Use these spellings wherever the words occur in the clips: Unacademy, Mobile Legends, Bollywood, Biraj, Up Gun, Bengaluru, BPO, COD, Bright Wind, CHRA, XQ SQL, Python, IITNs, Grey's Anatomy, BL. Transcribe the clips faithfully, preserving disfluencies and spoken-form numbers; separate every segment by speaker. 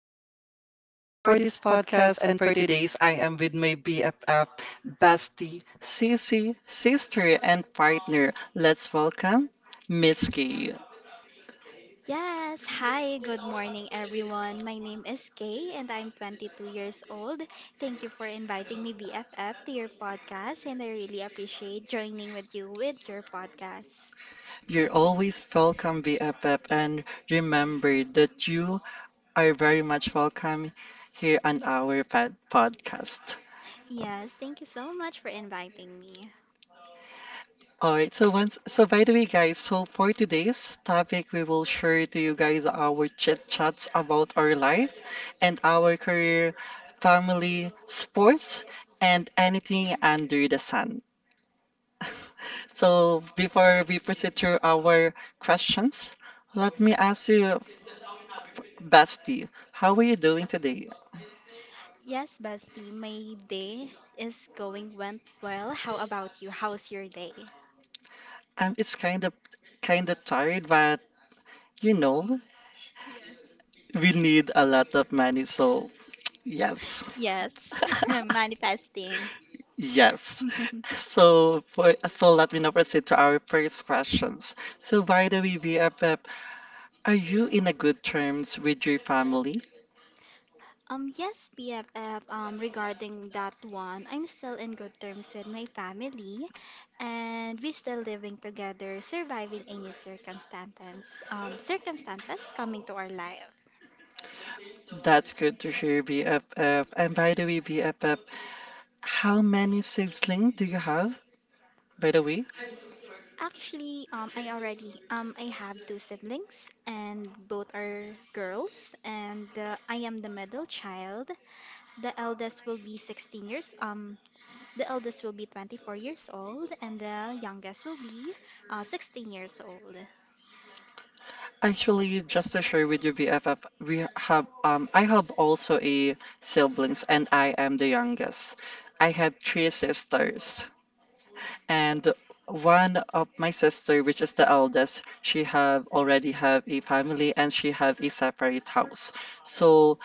Speaker 1: your host for this podcast. And for today's, I am with my B F F, bestie, Sissy, sister, and partner. Let's welcome Miss K.
Speaker 2: Yes, hi, good morning everyone. My name is Kay and I'm twenty-two years old. Thank you for inviting me B F F to your podcast and I really appreciate joining with you with your podcast.
Speaker 1: You're always welcome, B F F, and remember that you are very much welcome here on our pod- podcast.
Speaker 2: Yes, thank you so much for inviting me.
Speaker 1: All right. So once, so by the way, guys, so for today's topic, we will share to you guys our chit chats about our life and our career, family, sports, and anything under the sun. So before we proceed to our questions, let me ask you, Basti, how are you doing today?
Speaker 2: Yes, bestie, my day is going went well. How about you? How's your day?
Speaker 1: Um, it's kind of kind of tired, but you know, we need a lot of money, so yes.
Speaker 2: Yes, manifesting.
Speaker 1: Yes. So for, so let me now proceed to our first questions. So by the way, B F F, are you in a good terms with your family?
Speaker 2: Um, yes, B F F, um, regarding that one, I'm still in good terms with my family and we still living together, surviving any circumstances, um, circumstances coming to our life.
Speaker 1: That's good to hear, B F F. And by the way, B F F, how many siblings do you have? By the way,
Speaker 2: Actually, um, I already, um, I have two siblings and both are girls and uh, I am the middle child. The eldest will be sixteen years, um, the eldest will be twenty-four years old and the youngest will be uh, sixteen years old.
Speaker 1: actually, just to share with you, B F F, we have um I have also a siblings and I am the youngest. I have three sisters, and one of my sister, which is the eldest, she have already have a family and she have a separate house. So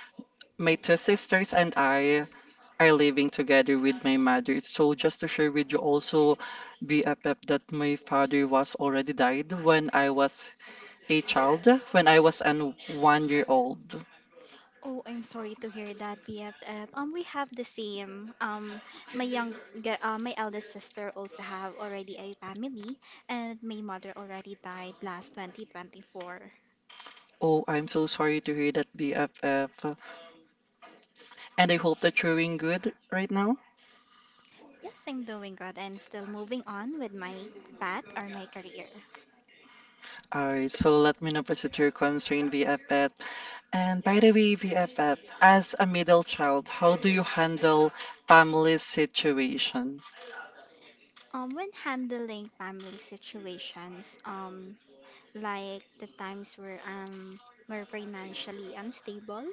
Speaker 1: my two sisters and I are living together with my mother. So just to share with you also, B F F, that my father was already died when I was a child, when I was an one year old.
Speaker 2: Oh, I'm sorry to hear that, B F F. Um, we have the same. Um, my young, ge- uh, my eldest sister also have already a family, and my mother already died last twenty twenty-four.
Speaker 1: Oh, I'm so sorry to hear that, B F F. And I hope that you're doing good right now.
Speaker 2: Yes, I'm doing good and still moving on with my path or my career.
Speaker 1: All right, so let me know if it's your concern, B F F. And by the way, V F F, as a middle child, how do you handle family situation?
Speaker 2: Um, when handling family situations, um, like the times where um we're financially unstable.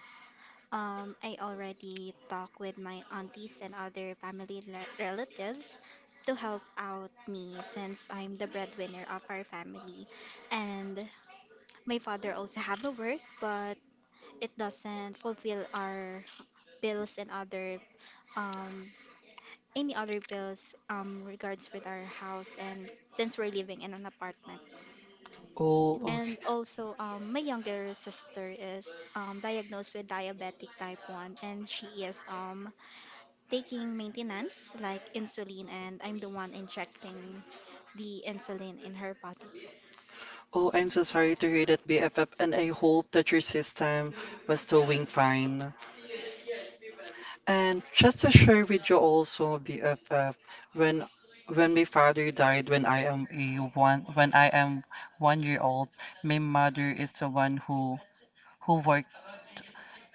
Speaker 2: Um, I already talk with my aunties and other family le- relatives to help out me since I'm the breadwinner of our family. And my father also have a work, but it doesn't fulfill our bills and other um any other bills um regards with our house and since we're living in an apartment.
Speaker 1: Oh, okay.
Speaker 2: And also, um, my younger sister is um, diagnosed with diabetic type one, and she is um, taking maintenance like insulin, and I'm the one injecting the insulin in her body.
Speaker 1: Oh, I'm so sorry to hear that, B F F, and I hope that your system was doing fine. And just to share with you also, B F F, when when my father died when I am a one when I am one year old, my mother is the one who who worked,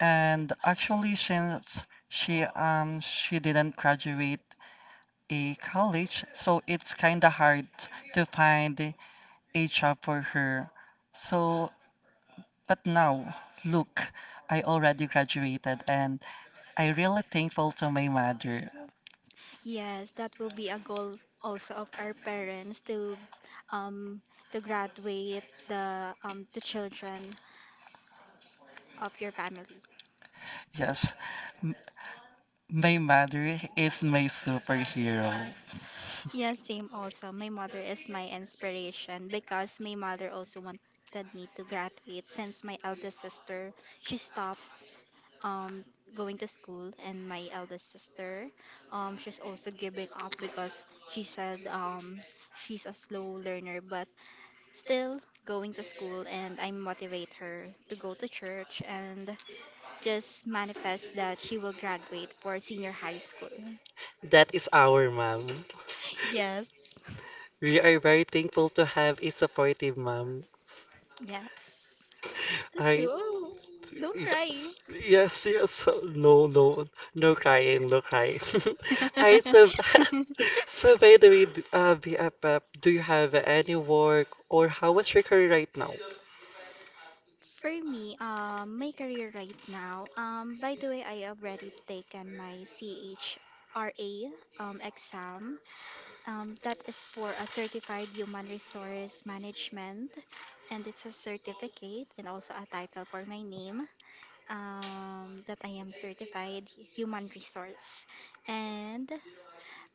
Speaker 1: and actually since she um she didn't graduate a college, so it's kind of hard to find a job for her. So, but now, look, I already graduated and I really thankful to my mother.
Speaker 2: Yes, that will be a goal also of our parents to um to graduate the um the children of your family.
Speaker 1: Yes, m- my mother is my superhero.
Speaker 2: Yes, same also. My mother is my inspiration because my mother also wanted me to graduate since my eldest sister she stopped um going to school and my eldest sister um she's also giving up because she said um she's a slow learner but still going to school, and I motivate her to go to church and just manifest that she will graduate for senior high school.
Speaker 1: That is our mom.
Speaker 2: Yes.
Speaker 1: We are very thankful to have a supportive mom.
Speaker 2: Yes. That's true.
Speaker 1: I
Speaker 2: Oh, don't cry.
Speaker 1: yes, yes, yes. No, no, no crying, no crying. I so b- so by the way, d- uh, B F F, do you have any work or how is your career right now?
Speaker 2: For me, um, my career right now, um, by the way, I already taken my C H R A um, exam. Um, that is for a certified human resource management, and it's a certificate and also a title for my name um, that I am certified human resource. And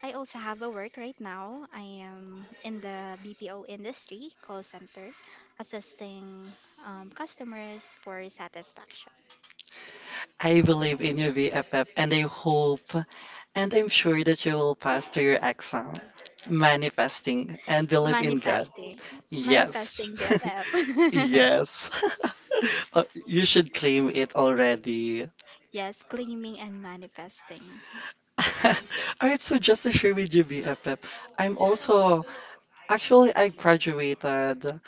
Speaker 2: I also have a work right now. I am in the B P O industry, call center, assisting um, customers for satisfaction.
Speaker 1: I believe in you, B F F, and I hope and I'm sure that you will pass to your exam, manifesting and believe in God.
Speaker 2: Manifesting.
Speaker 1: Yes,
Speaker 2: Manifesting, B F F.
Speaker 1: yes. Uh, you should claim it already.
Speaker 2: Yes, claiming and manifesting.
Speaker 1: All right, so just to share with you, B F F, I'm also actually I graduated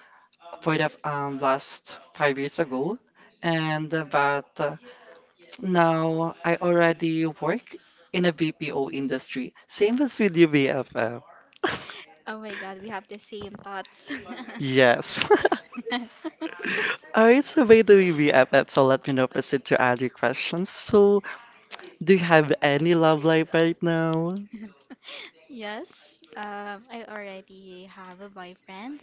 Speaker 1: for the um last five years ago, and uh, but uh, now I already work in a B P O industry. Same as with you, B F F.
Speaker 2: Oh my God, we have the same thoughts.
Speaker 1: Yes. All right, so by the way, B F F, so let me now proceed to other questions. So, do you have any love life right now?
Speaker 2: Yes, um, I already have a boyfriend,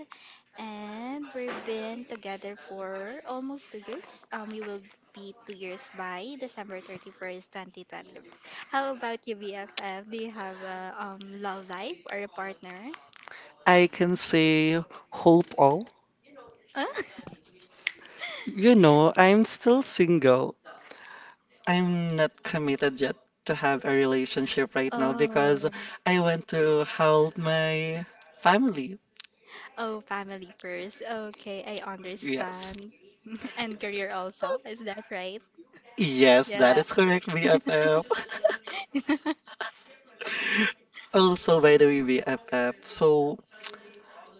Speaker 2: and we've been together for almost two years. Um, we will be two years by December thirty-first, twenty twenty. How about you, B F F? Do you have a um, love life or a partner?
Speaker 1: I can say hope all.
Speaker 2: Huh?
Speaker 1: You know, I'm still single. I'm not committed yet to have a relationship right now because
Speaker 2: Oh,
Speaker 1: I want to help my family.
Speaker 2: oh, family first. Okay, I
Speaker 1: Yes.
Speaker 2: understand. And career also. Is that right?
Speaker 1: Yes, that
Speaker 2: Yeah.
Speaker 1: is correct, B F F. Also, by the way, B F F. So,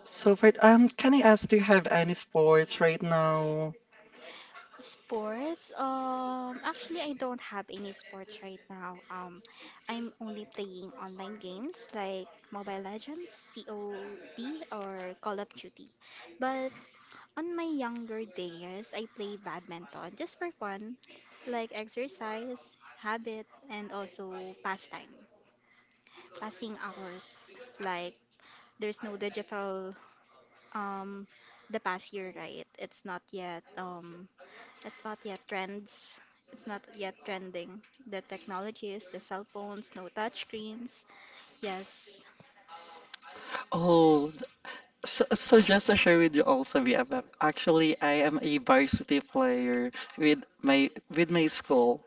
Speaker 1: so for um, Can I ask, do you have any sports right now?
Speaker 2: Sports? Um, actually, I don't have any sports right now. Um, I'm only playing online games like Mobile Legends, C O D, or Call of Duty. But on my younger days, I play badminton just for fun, like exercise, habit, and also pastime, passing hours. Like there's no digital um the past year, right? It's not yet um it's not yet trends. It's not yet trending. The technologies, the cell phones, no touch screens. Yes.
Speaker 1: Oh, th- so, so just to share with you also, B F F. Actually, I am a varsity player with my with my school.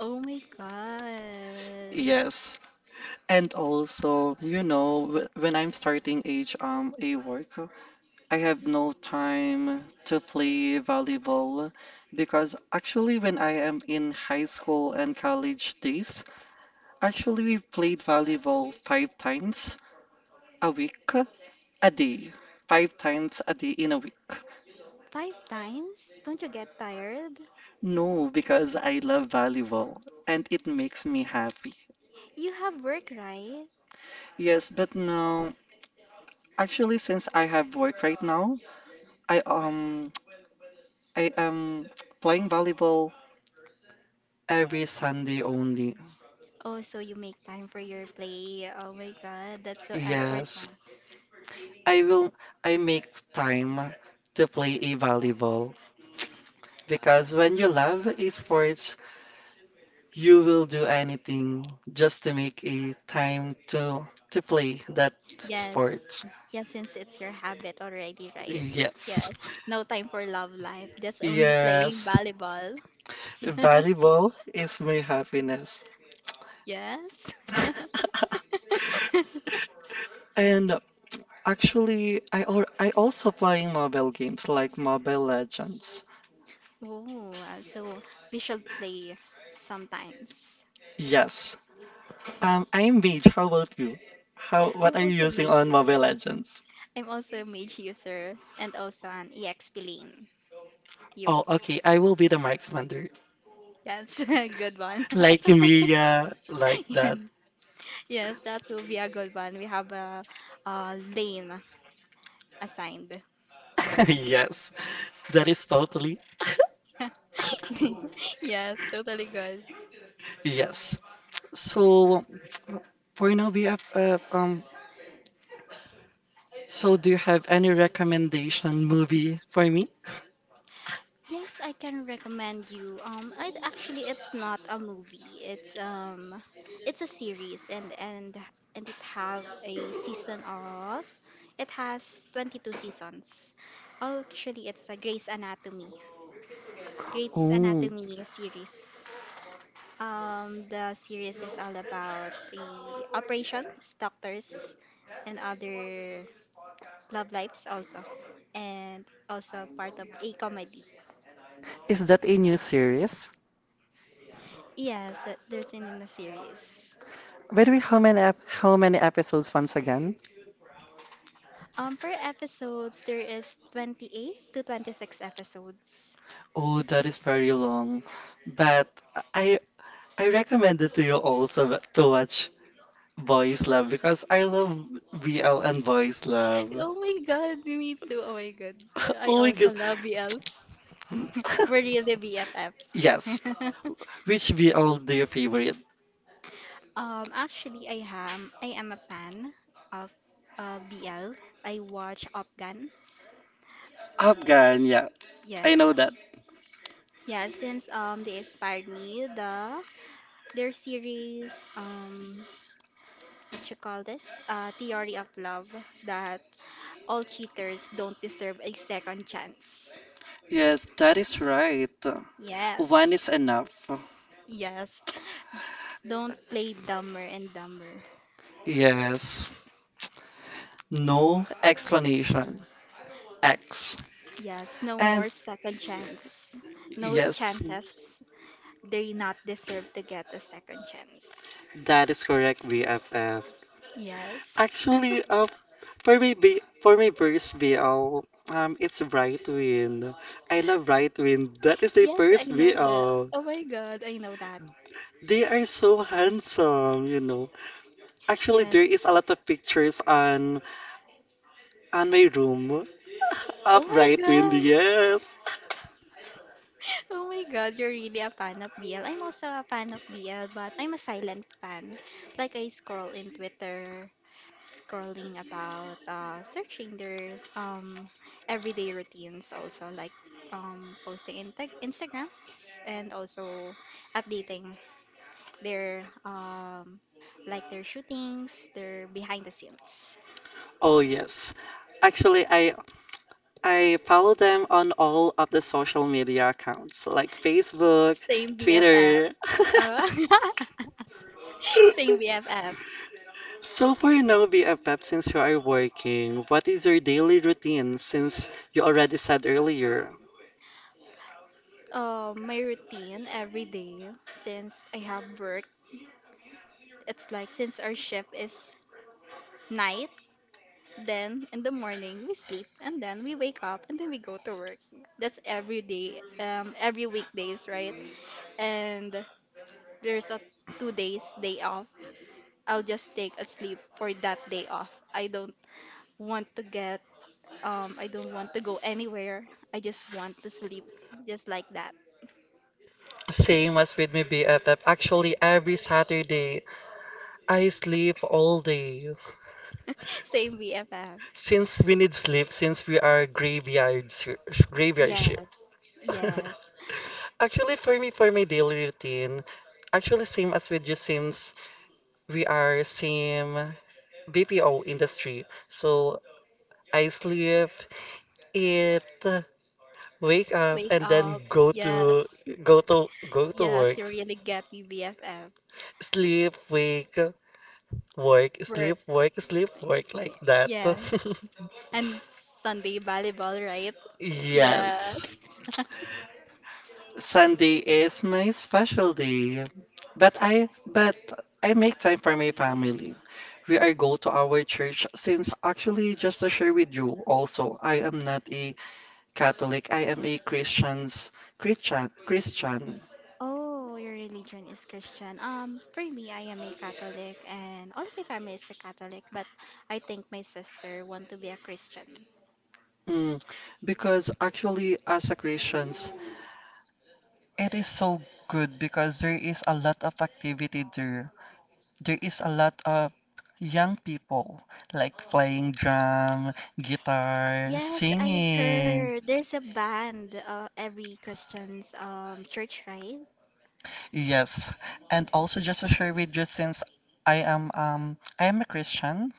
Speaker 2: Oh my God.
Speaker 1: Yes. And also, you know, wh- when I'm starting age um a work, I have no time to play volleyball because actually when I am in high school and college days, actually we played volleyball five times a week, a day, five times a day in a week.
Speaker 2: Five times? Don't you get tired?
Speaker 1: No, because I love volleyball and it makes me happy.
Speaker 2: You have work, right?
Speaker 1: Yes, but now actually since I have work right now, I um I am playing volleyball every Sunday only.
Speaker 2: Oh, so you make time for your play. Oh my God, that's so effort, huh?
Speaker 1: Yes, I will. I make time to play a volleyball because when you love esports, you will do anything just to make a time to to play that
Speaker 2: Yes.
Speaker 1: sport.
Speaker 2: Yes, since it's your habit already, right?
Speaker 1: Yes,
Speaker 2: Yes. No time for love life. That's only playing
Speaker 1: yes,
Speaker 2: volleyball.
Speaker 1: volleyball is my happiness.
Speaker 2: Yes.
Speaker 1: And actually, I al I also playing mobile games like Mobile Legends.
Speaker 2: Oh, uh, so we should play sometimes.
Speaker 1: Yes. Um, I'm Mage. How about you? How, what
Speaker 2: I'm
Speaker 1: are you
Speaker 2: also a
Speaker 1: using
Speaker 2: mage
Speaker 1: on
Speaker 2: user.
Speaker 1: Mobile Legends?
Speaker 2: I'm also a mage user and also an E X P lane. You.
Speaker 1: Oh, okay. I will be the marksmander.
Speaker 2: Yes, good one.
Speaker 1: Like Mia, like that.
Speaker 2: Yes, that will be a good one. We have a, a lane assigned.
Speaker 1: Yes, that is totally.
Speaker 2: Yes, totally good.
Speaker 1: Yes. So for now, we have, uh, um, so do you have any recommendation movie for me?
Speaker 2: Yes, I can recommend you. Um, I actually it's not a movie. It's um, it's a series, and and and it have a season of it has twenty-two seasons. Oh, actually, it's a Grey's Anatomy. Grey's
Speaker 1: Oh,
Speaker 2: Anatomy series. Um, the series is all about the operations, doctors, and other love lives also, and also part of a comedy.
Speaker 1: is that a new series?
Speaker 2: Yes, that there's in, in the series.
Speaker 1: By the way, how many ep how many episodes once again?
Speaker 2: Um, per episodes, there is twenty-eight to twenty-six episodes.
Speaker 1: Oh, that is very long. But I I recommend it to you also to watch Boys Love because I love B L and Boys Love.
Speaker 2: Oh my god, me too. Oh my god. I
Speaker 1: Oh my gosh.
Speaker 2: also love B L. We're really B F Fs.
Speaker 1: Yes. Which B L do you favorite?
Speaker 2: Um, actually, I am I am a fan of uh, B L. I watch Up Gun.
Speaker 1: Afghan, yeah. I
Speaker 2: Yes,
Speaker 1: know that.
Speaker 2: yeah. Since um they inspired me the their series um what you call this, uh Theory of Love, that all cheaters don't deserve a second chance.
Speaker 1: Yes, that is right. One is
Speaker 2: Yes.
Speaker 1: enough.
Speaker 2: Yes. Don't play dumber and dumber.
Speaker 1: Yes. No explanation. X.
Speaker 2: Yes, no
Speaker 1: And
Speaker 2: more second chance. No
Speaker 1: yes,
Speaker 2: chances. They not deserve to get a second chance.
Speaker 1: that is correct, B F F.
Speaker 2: Yes.
Speaker 1: Actually, uh, for me, B, for me, first B L, um, it's Bright Wind. I love Bright Wind. That is the
Speaker 2: Yes, I
Speaker 1: first
Speaker 2: know that.
Speaker 1: B L.
Speaker 2: Oh my god, I know that.
Speaker 1: They are so handsome, you know. Actually,
Speaker 2: Yes.
Speaker 1: there is a lot of pictures on on my room of
Speaker 2: Oh my
Speaker 1: Bright Wind.
Speaker 2: god.
Speaker 1: Yes.
Speaker 2: Oh my god, you're really a fan of B L. I'm also a fan of B L, but I'm a silent fan. Like I scroll in Twitter, scrolling about uh searching their um everyday routines also like um posting in tag Instagrams and also updating their um like their shootings, their behind the scenes.
Speaker 1: Oh yes. Actually, I I follow them on all of the social media accounts like Facebook,
Speaker 2: Same, B F F.
Speaker 1: Twitter.
Speaker 2: Uh, same B F F.
Speaker 1: So for now, B F F, since you are working, what is your daily routine since you already said earlier?
Speaker 2: Uh, my routine every day since I have work, it's like since our shift is night, then in the morning we sleep and then we wake up and then we go to work. That's every day, um, every weekdays, right? And there's a two days day off. I'll just take a sleep for that day off. I don't want to get, um, I don't want to go anywhere. I just want to sleep, just like that.
Speaker 1: Same as with me, B F F. Actually, every Saturday, I sleep all day.
Speaker 2: Same B F F.
Speaker 1: Since we need sleep, since we are graveyard, shi- graveyard shift.
Speaker 2: Yes, yes.
Speaker 1: Actually, for me, for my daily routine, actually same as with you since we are same B P O industry. So I sleep, eat, wake up
Speaker 2: Wake
Speaker 1: and
Speaker 2: up.
Speaker 1: then go to
Speaker 2: Yes.
Speaker 1: go to go to
Speaker 2: Yes,
Speaker 1: work,
Speaker 2: you really get me, B F F.
Speaker 1: sleep, wake, work,
Speaker 2: Work.
Speaker 1: sleep, work, sleep, work, like that.
Speaker 2: Yes. And Sunday volleyball, right? Yes.
Speaker 1: Yes, Sunday is my special day, but i but I make time for my family. We are go to our church since actually just to share with you also, I am not a Catholic, I am a christians christian Christian.
Speaker 2: Oh, your religion is Christian. Um, for me, I am a Catholic, and all of my family is a Catholic, but I think my sister want to be a Christian.
Speaker 1: Mm, because actually, as a Christian, it is so good because there is a lot of activity there. There is a lot of young people like playing drum, guitar,
Speaker 2: Yes, I
Speaker 1: singing.
Speaker 2: heard there's a band uh, every Christian's um church, right?
Speaker 1: Yes. And also just to share with you since I am um I am a Christian,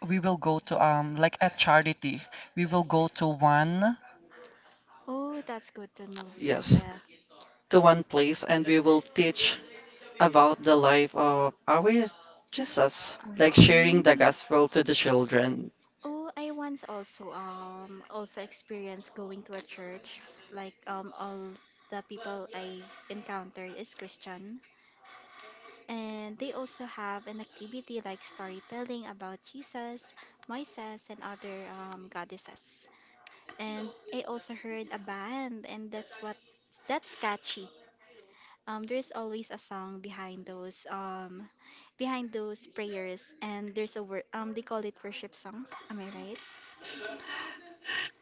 Speaker 1: we will go to um like a charity. We will go to one
Speaker 2: Oh, that's good to know,
Speaker 1: yes,
Speaker 2: B F F.
Speaker 1: to one place and we will teach about the life of our Jesus, like sharing the
Speaker 2: Mm.
Speaker 1: gospel to the children.
Speaker 2: Oh, I once also um also experienced going to a church. Like um all the people I encountered is Christian. And they also have an activity like storytelling about Jesus, Moises, and other um, goddesses. And I also heard a band, and that's what that's catchy. Um, there's always a song behind those um, behind those prayers, and there's a word, um, they call it worship songs. Am I right?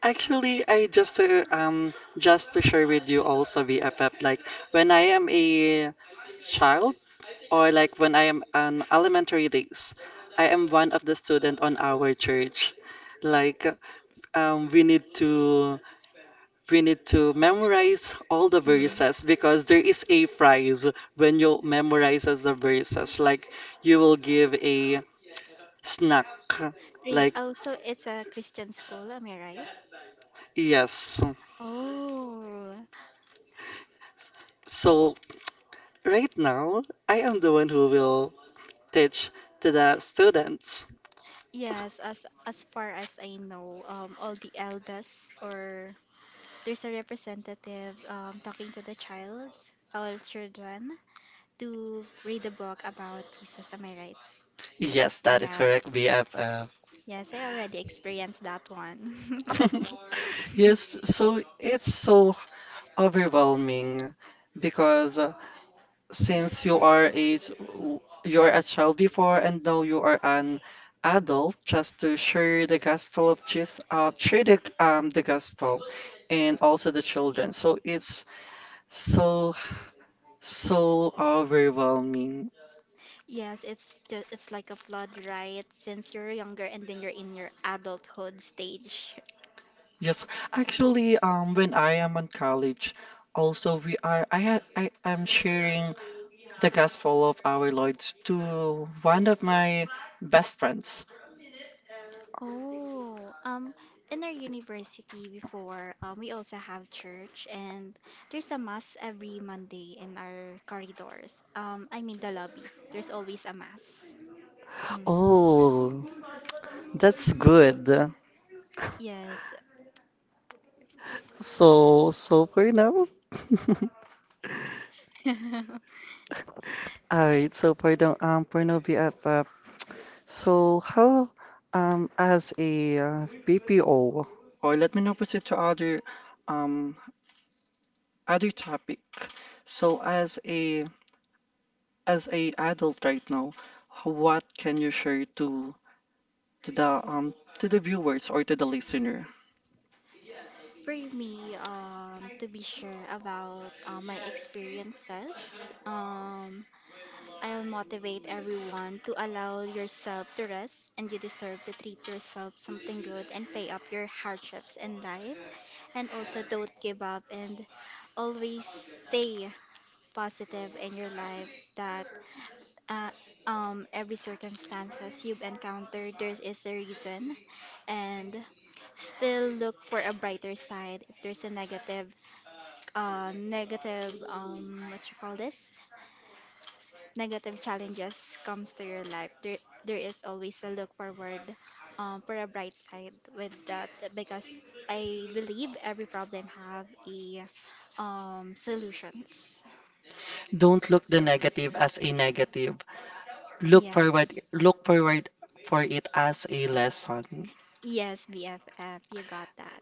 Speaker 1: Actually, I just to um just to share with you also, B F F, like when I am a child, or like when I am an elementary days, I am one of the student on our church. Like um we need to we need to memorize all the
Speaker 2: Mm.
Speaker 1: verses because there is a prize when you memorize the verses. Like you will give a snack.
Speaker 2: Really?
Speaker 1: Like
Speaker 2: Oh, so it's a Christian school. Am I right?
Speaker 1: yes.
Speaker 2: Oh,
Speaker 1: So right now, I am the one who will teach to the students.
Speaker 2: yes, as as far as I know, um, all the elders or there's a representative um, talking to the child, all children, to read a book about Jesus. Am I right?
Speaker 1: Yes, that is
Speaker 2: Yeah.
Speaker 1: correct, B F F.
Speaker 2: Yes, I already experienced that one.
Speaker 1: Yes, so it's so overwhelming because uh, since you are a you are a child before and now you are an adult just to share the gospel of Jesus, uh, share the um the gospel and also the children. So it's so so overwhelming.
Speaker 2: Yes, it's just it's like a flood, right? Since you're younger and then you're in your adulthood stage.
Speaker 1: Yes, actually, um, when I am in college, also we are I ha- I am sharing the gospel of our Lord to one of my best friends.
Speaker 2: Oh, um, in our university before, um, we also have church and there's a mass every Monday in our corridors. Um, I mean the lobby. There's always a mass.
Speaker 1: Oh, that's good.
Speaker 2: Yes.
Speaker 1: So so for now.
Speaker 2: For
Speaker 1: All right, so for the um for no B F F, so how um as a uh, B P O or let me now proceed to other um other topic. So as a as a adult right now, h- what can you share to to the um to the viewers or to the listener?
Speaker 2: me, um, to be sure about uh, my experiences, um, I'll motivate everyone to allow yourself to rest, and you deserve to treat yourself something good and pay up your hardships in life. And also, don't give up and always stay positive in your life. That uh, um, every circumstances you've encountered, there is a reason, and still look for a brighter side. If there's a negative, uh, negative, um, what you call this? Negative challenges comes to your life. There, there is always a look forward, um, for a bright side with that because I believe every problem have a, um, solutions.
Speaker 1: Don't look the negative as a negative. Look
Speaker 2: Yes,
Speaker 1: forward look forward for it as a lesson.
Speaker 2: yes, B F F, you got that.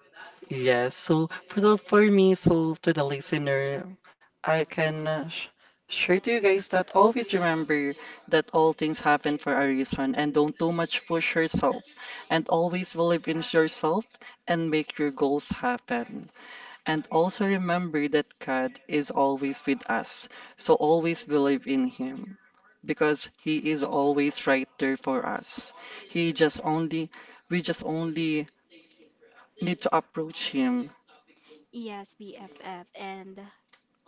Speaker 1: Yes. So for so for me, so to the listener, I can uh, sh share to you guys that always remember that all things happen for a reason and don't too much push yourself and always believe in yourself and make your goals happen. And also remember that God is always with us. So always believe in Him because He is always right there for us. He just only, we just only need to approach Him.
Speaker 2: Yes, B F F, and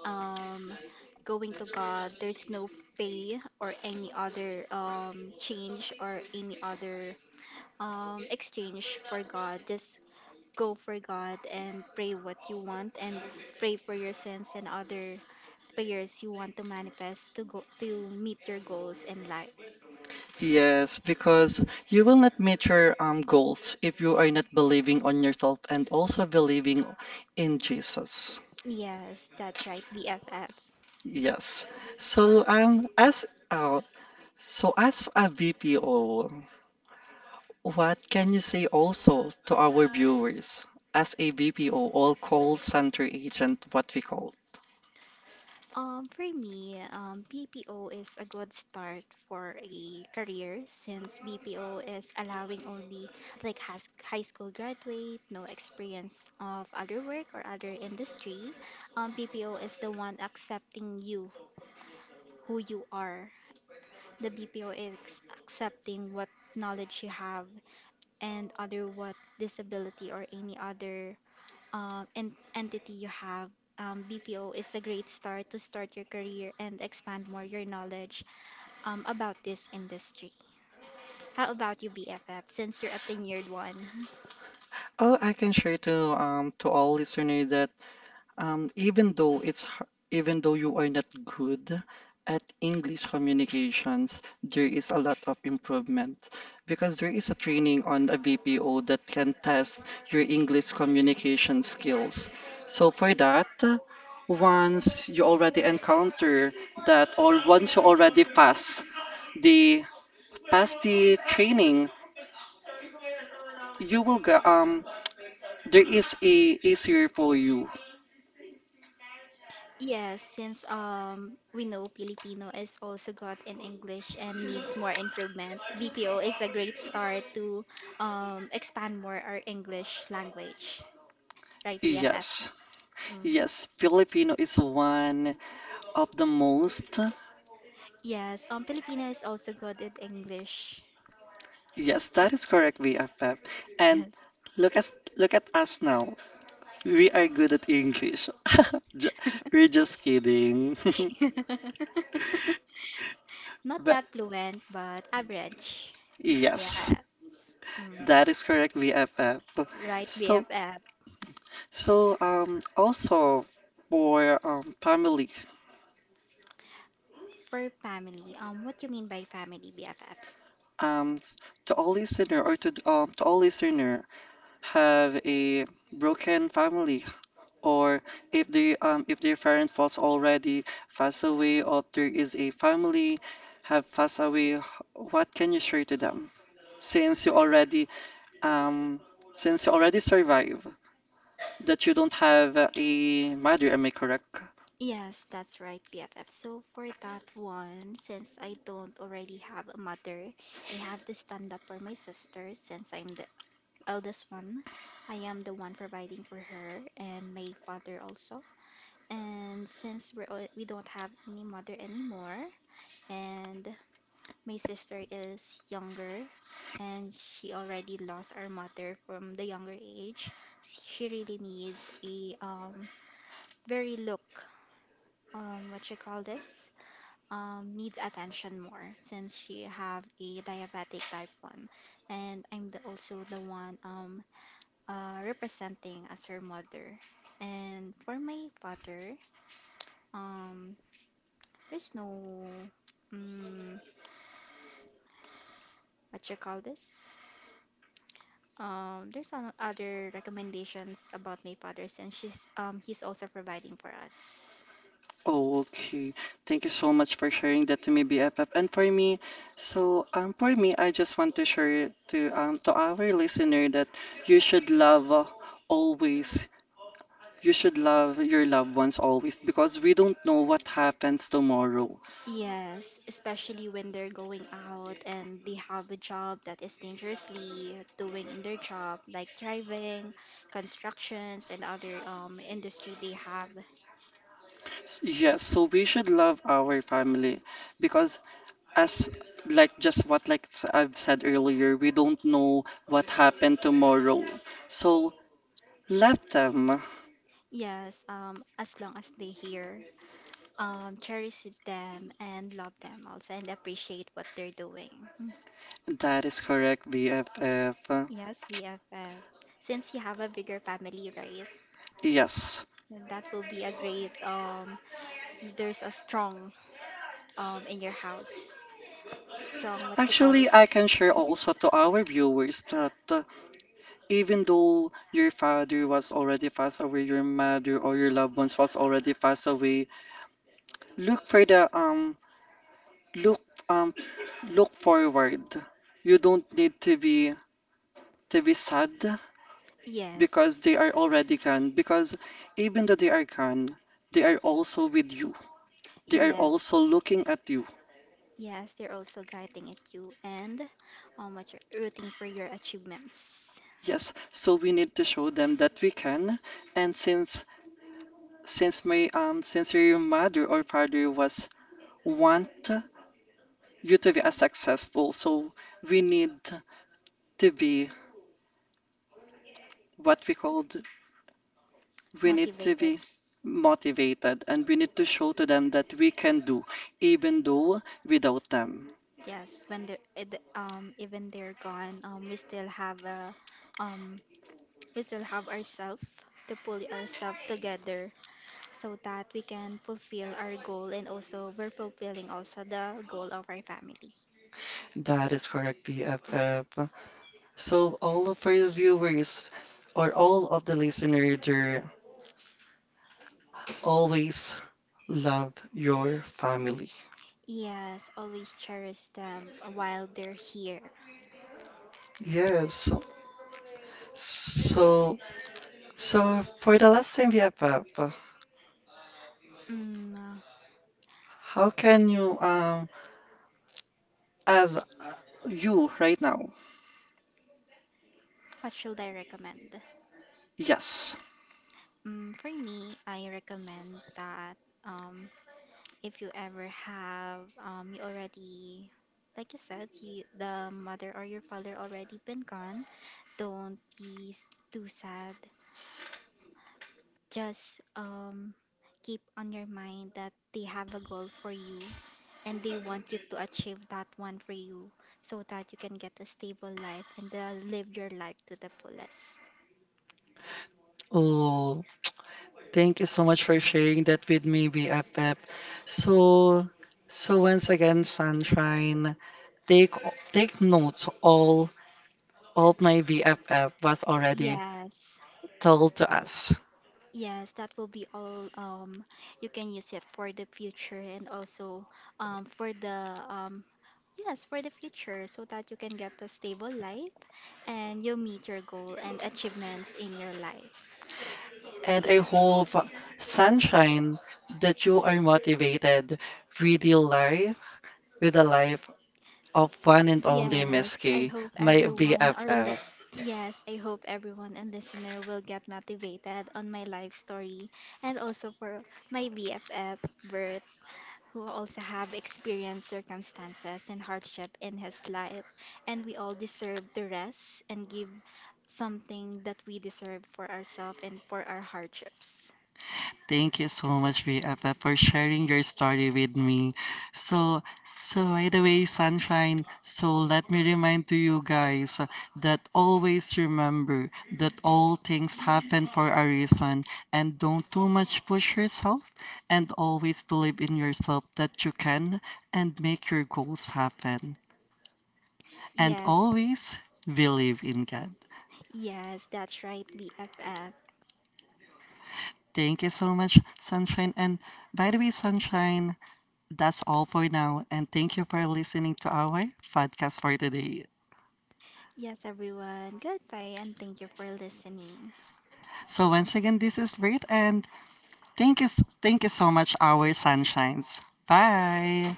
Speaker 2: um, going to God, there's no pay or any other um change or any other um exchange for God. Just go for God and pray what you want and pray for your sins and other prayers you want to manifest to go to meet your goals in life.
Speaker 1: Yes, because you will not meet your um, goals if you are not believing on yourself and also believing in Jesus.
Speaker 2: Yes, that's right, B F F.
Speaker 1: Yes. So um as uh, so as a V P O, what can you say also to our viewers as a B P O or call center agent, what we call?
Speaker 2: Um, for me, um, B P O is a good start for a career since B P O is allowing only like has high school graduate, no experience of other work or other industry. Um, B P O is the one accepting you, who you are. The B P O is accepting what knowledge you have and other what disability or any other uh, en- entity you have. um, B P O is a great start to start your career and expand more your knowledge um, about this industry. How about you, B F F, since you're a tenured one?
Speaker 1: Oh, I can share to um to all listeners that Um, even though it's h- even though you are not good at English communications, there is a lot of improvement because there is a training on a B P O that can test your English communication skills. So for that, uh, once you already encounter that, or once you already pass the pass the training, you will go, um there is a easier for you.
Speaker 2: Yes, since um we know Filipino is also good in English and needs more improvement, B P O is a great start to um expand more our English language, right, B F F?
Speaker 1: Yes.
Speaker 2: Mm.
Speaker 1: Yes, Filipino is one of the most.
Speaker 2: Yes, um Filipino is also good in English.
Speaker 1: Yes, that is correct, B F F. And
Speaker 2: Yes.
Speaker 1: look at look at us now. We are good at English. Ju- We're just kidding.
Speaker 2: Not
Speaker 1: But
Speaker 2: that fluent, but average.
Speaker 1: yes,
Speaker 2: Yes. Mm.
Speaker 1: that is correct, B F F.
Speaker 2: Right,
Speaker 1: So
Speaker 2: B F F.
Speaker 1: so um also for um family,
Speaker 2: For family, um, what do you mean by family, B F F?
Speaker 1: um to all listener, or to um to all listener have a broken family, or if they um if their parent was already passed away, or there is a family have passed away h- what can you share to them since you already um since you already survive, that you don't have a mother, am I correct?
Speaker 2: Yes, that's right, B F F. So for that one, since I don't already have a mother, I have to stand up for my sister since I'm the eldest one. I am the one providing for her and my father also. And since we're, al- we don't have any mother anymore, and my sister is younger and she already lost our mother from the younger age. She really needs a um very look, um what you call this um needs attention more since she have a diabetic type one, and I'm the, also the one um uh representing as her mother. And for my father, um there's no mm what you call this? Um, there's some other recommendations about my father since she's um he's also providing for us.
Speaker 1: Oh, okay, thank you so much for sharing that to me, B F F. And for me, so um for me, I just want to share to um to our listener that you should love, uh, always. You should love your loved ones always, because we don't know what happens tomorrow.
Speaker 2: Yes, especially when they're going out and they have a job that is dangerously doing in their job, like driving, constructions, and other um industry they have.
Speaker 1: S- Yes, so we should love our family because, as like just what like s- I've said earlier, we don't know what happened tomorrow. So love them.
Speaker 2: Yes, um, as long as they hear, um, cherish them and love them also and appreciate what they're doing. Mm.
Speaker 1: That is correct, B F F.
Speaker 2: Yes, B F F. Since you have a bigger family, right?
Speaker 1: Yes.
Speaker 2: And that will be a great um there's a strong um in your house. Strong what you call
Speaker 1: Actually,
Speaker 2: it?
Speaker 1: I can share
Speaker 2: Mhm.
Speaker 1: also to our viewers that, uh, even though your father was already passed away, your mother or your loved ones was already passed away, look for the um look um look forward. You don't need to be to be sad because
Speaker 2: Yes.
Speaker 1: they are already gone. Because even though they are gone, they are also with you. They are
Speaker 2: Yes.
Speaker 1: also looking at you.
Speaker 2: Yes, they're also guiding at you and um what you're rooting for your achievements.
Speaker 1: Yes, so we need to show them that we can. And since since my um since your mother or father was want you to be as successful, so we need to be, what we called, we need to
Speaker 2: Motivated.
Speaker 1: be motivated, and we need to show to them that we can do even though without them.
Speaker 2: Yes, when they're eh, the- um even they're gone, um we still have a um we still have ourselves to pull ourselves together so that we can fulfill our goal and also we're fulfilling also the goal of our family.
Speaker 1: That is correct, BFF. So all of our viewers or all of the listeners there, always love your family.
Speaker 2: Yes, always cherish them while they're here.
Speaker 1: Yes. So so for the last time, BFF,
Speaker 2: Mm,
Speaker 1: how can you, um as you right now?
Speaker 2: what should I recommend?
Speaker 1: Yes.
Speaker 2: Mm, for me, I recommend that um, if you ever have, um, you already, like you said, you, the mother or your father already been gone, don't be s- too sad. Just um, keep on your mind that they have a goal for you and they want you to achieve that one for you so that you can get a stable life and uh, live your life to the fullest.
Speaker 1: Oh, thank you so much for sharing that with me, B F F. So, so once again, Sunshine, take take notes, all all my B F F was already
Speaker 2: Yes,
Speaker 1: told to us.
Speaker 2: yes, that will be all. Um, you can use it for the future and also um, for the um, yes, for the future so that you can get a stable life and you meet your goal and achievements in your life.
Speaker 1: And I hope, Sunshine, that you are motivated with your life, with the life of one and only
Speaker 2: Yes,
Speaker 1: Miss
Speaker 2: I
Speaker 1: K,
Speaker 2: hope
Speaker 1: my
Speaker 2: everyone or li-
Speaker 1: B F F.
Speaker 2: yes, I hope everyone and listener will get motivated on my life story and also for my B F F Bert who also have experienced circumstances and hardship in his life, and we all deserve to rest and give something that we deserve for ourselves and for our hardships.
Speaker 1: Thank you so much, B F F, for sharing your story with me. So, so by the way, Sunshine, so let me remind to you guys, uh, that always remember that all things happen for a reason, and don't too much push yourself, and always believe in yourself that you can, and make your goals happen. And
Speaker 2: Yes,
Speaker 1: always believe in God.
Speaker 2: yes, that's right, B F F.
Speaker 1: Thank you so much, Sunshine. And by the way, Sunshine, that's all for now, and thank you for listening to our podcast for today.
Speaker 2: Yes, everyone. Goodbye and thank you for listening.
Speaker 1: So once again, this is Reid, and thank you, thank you so much, our sunshines. Bye.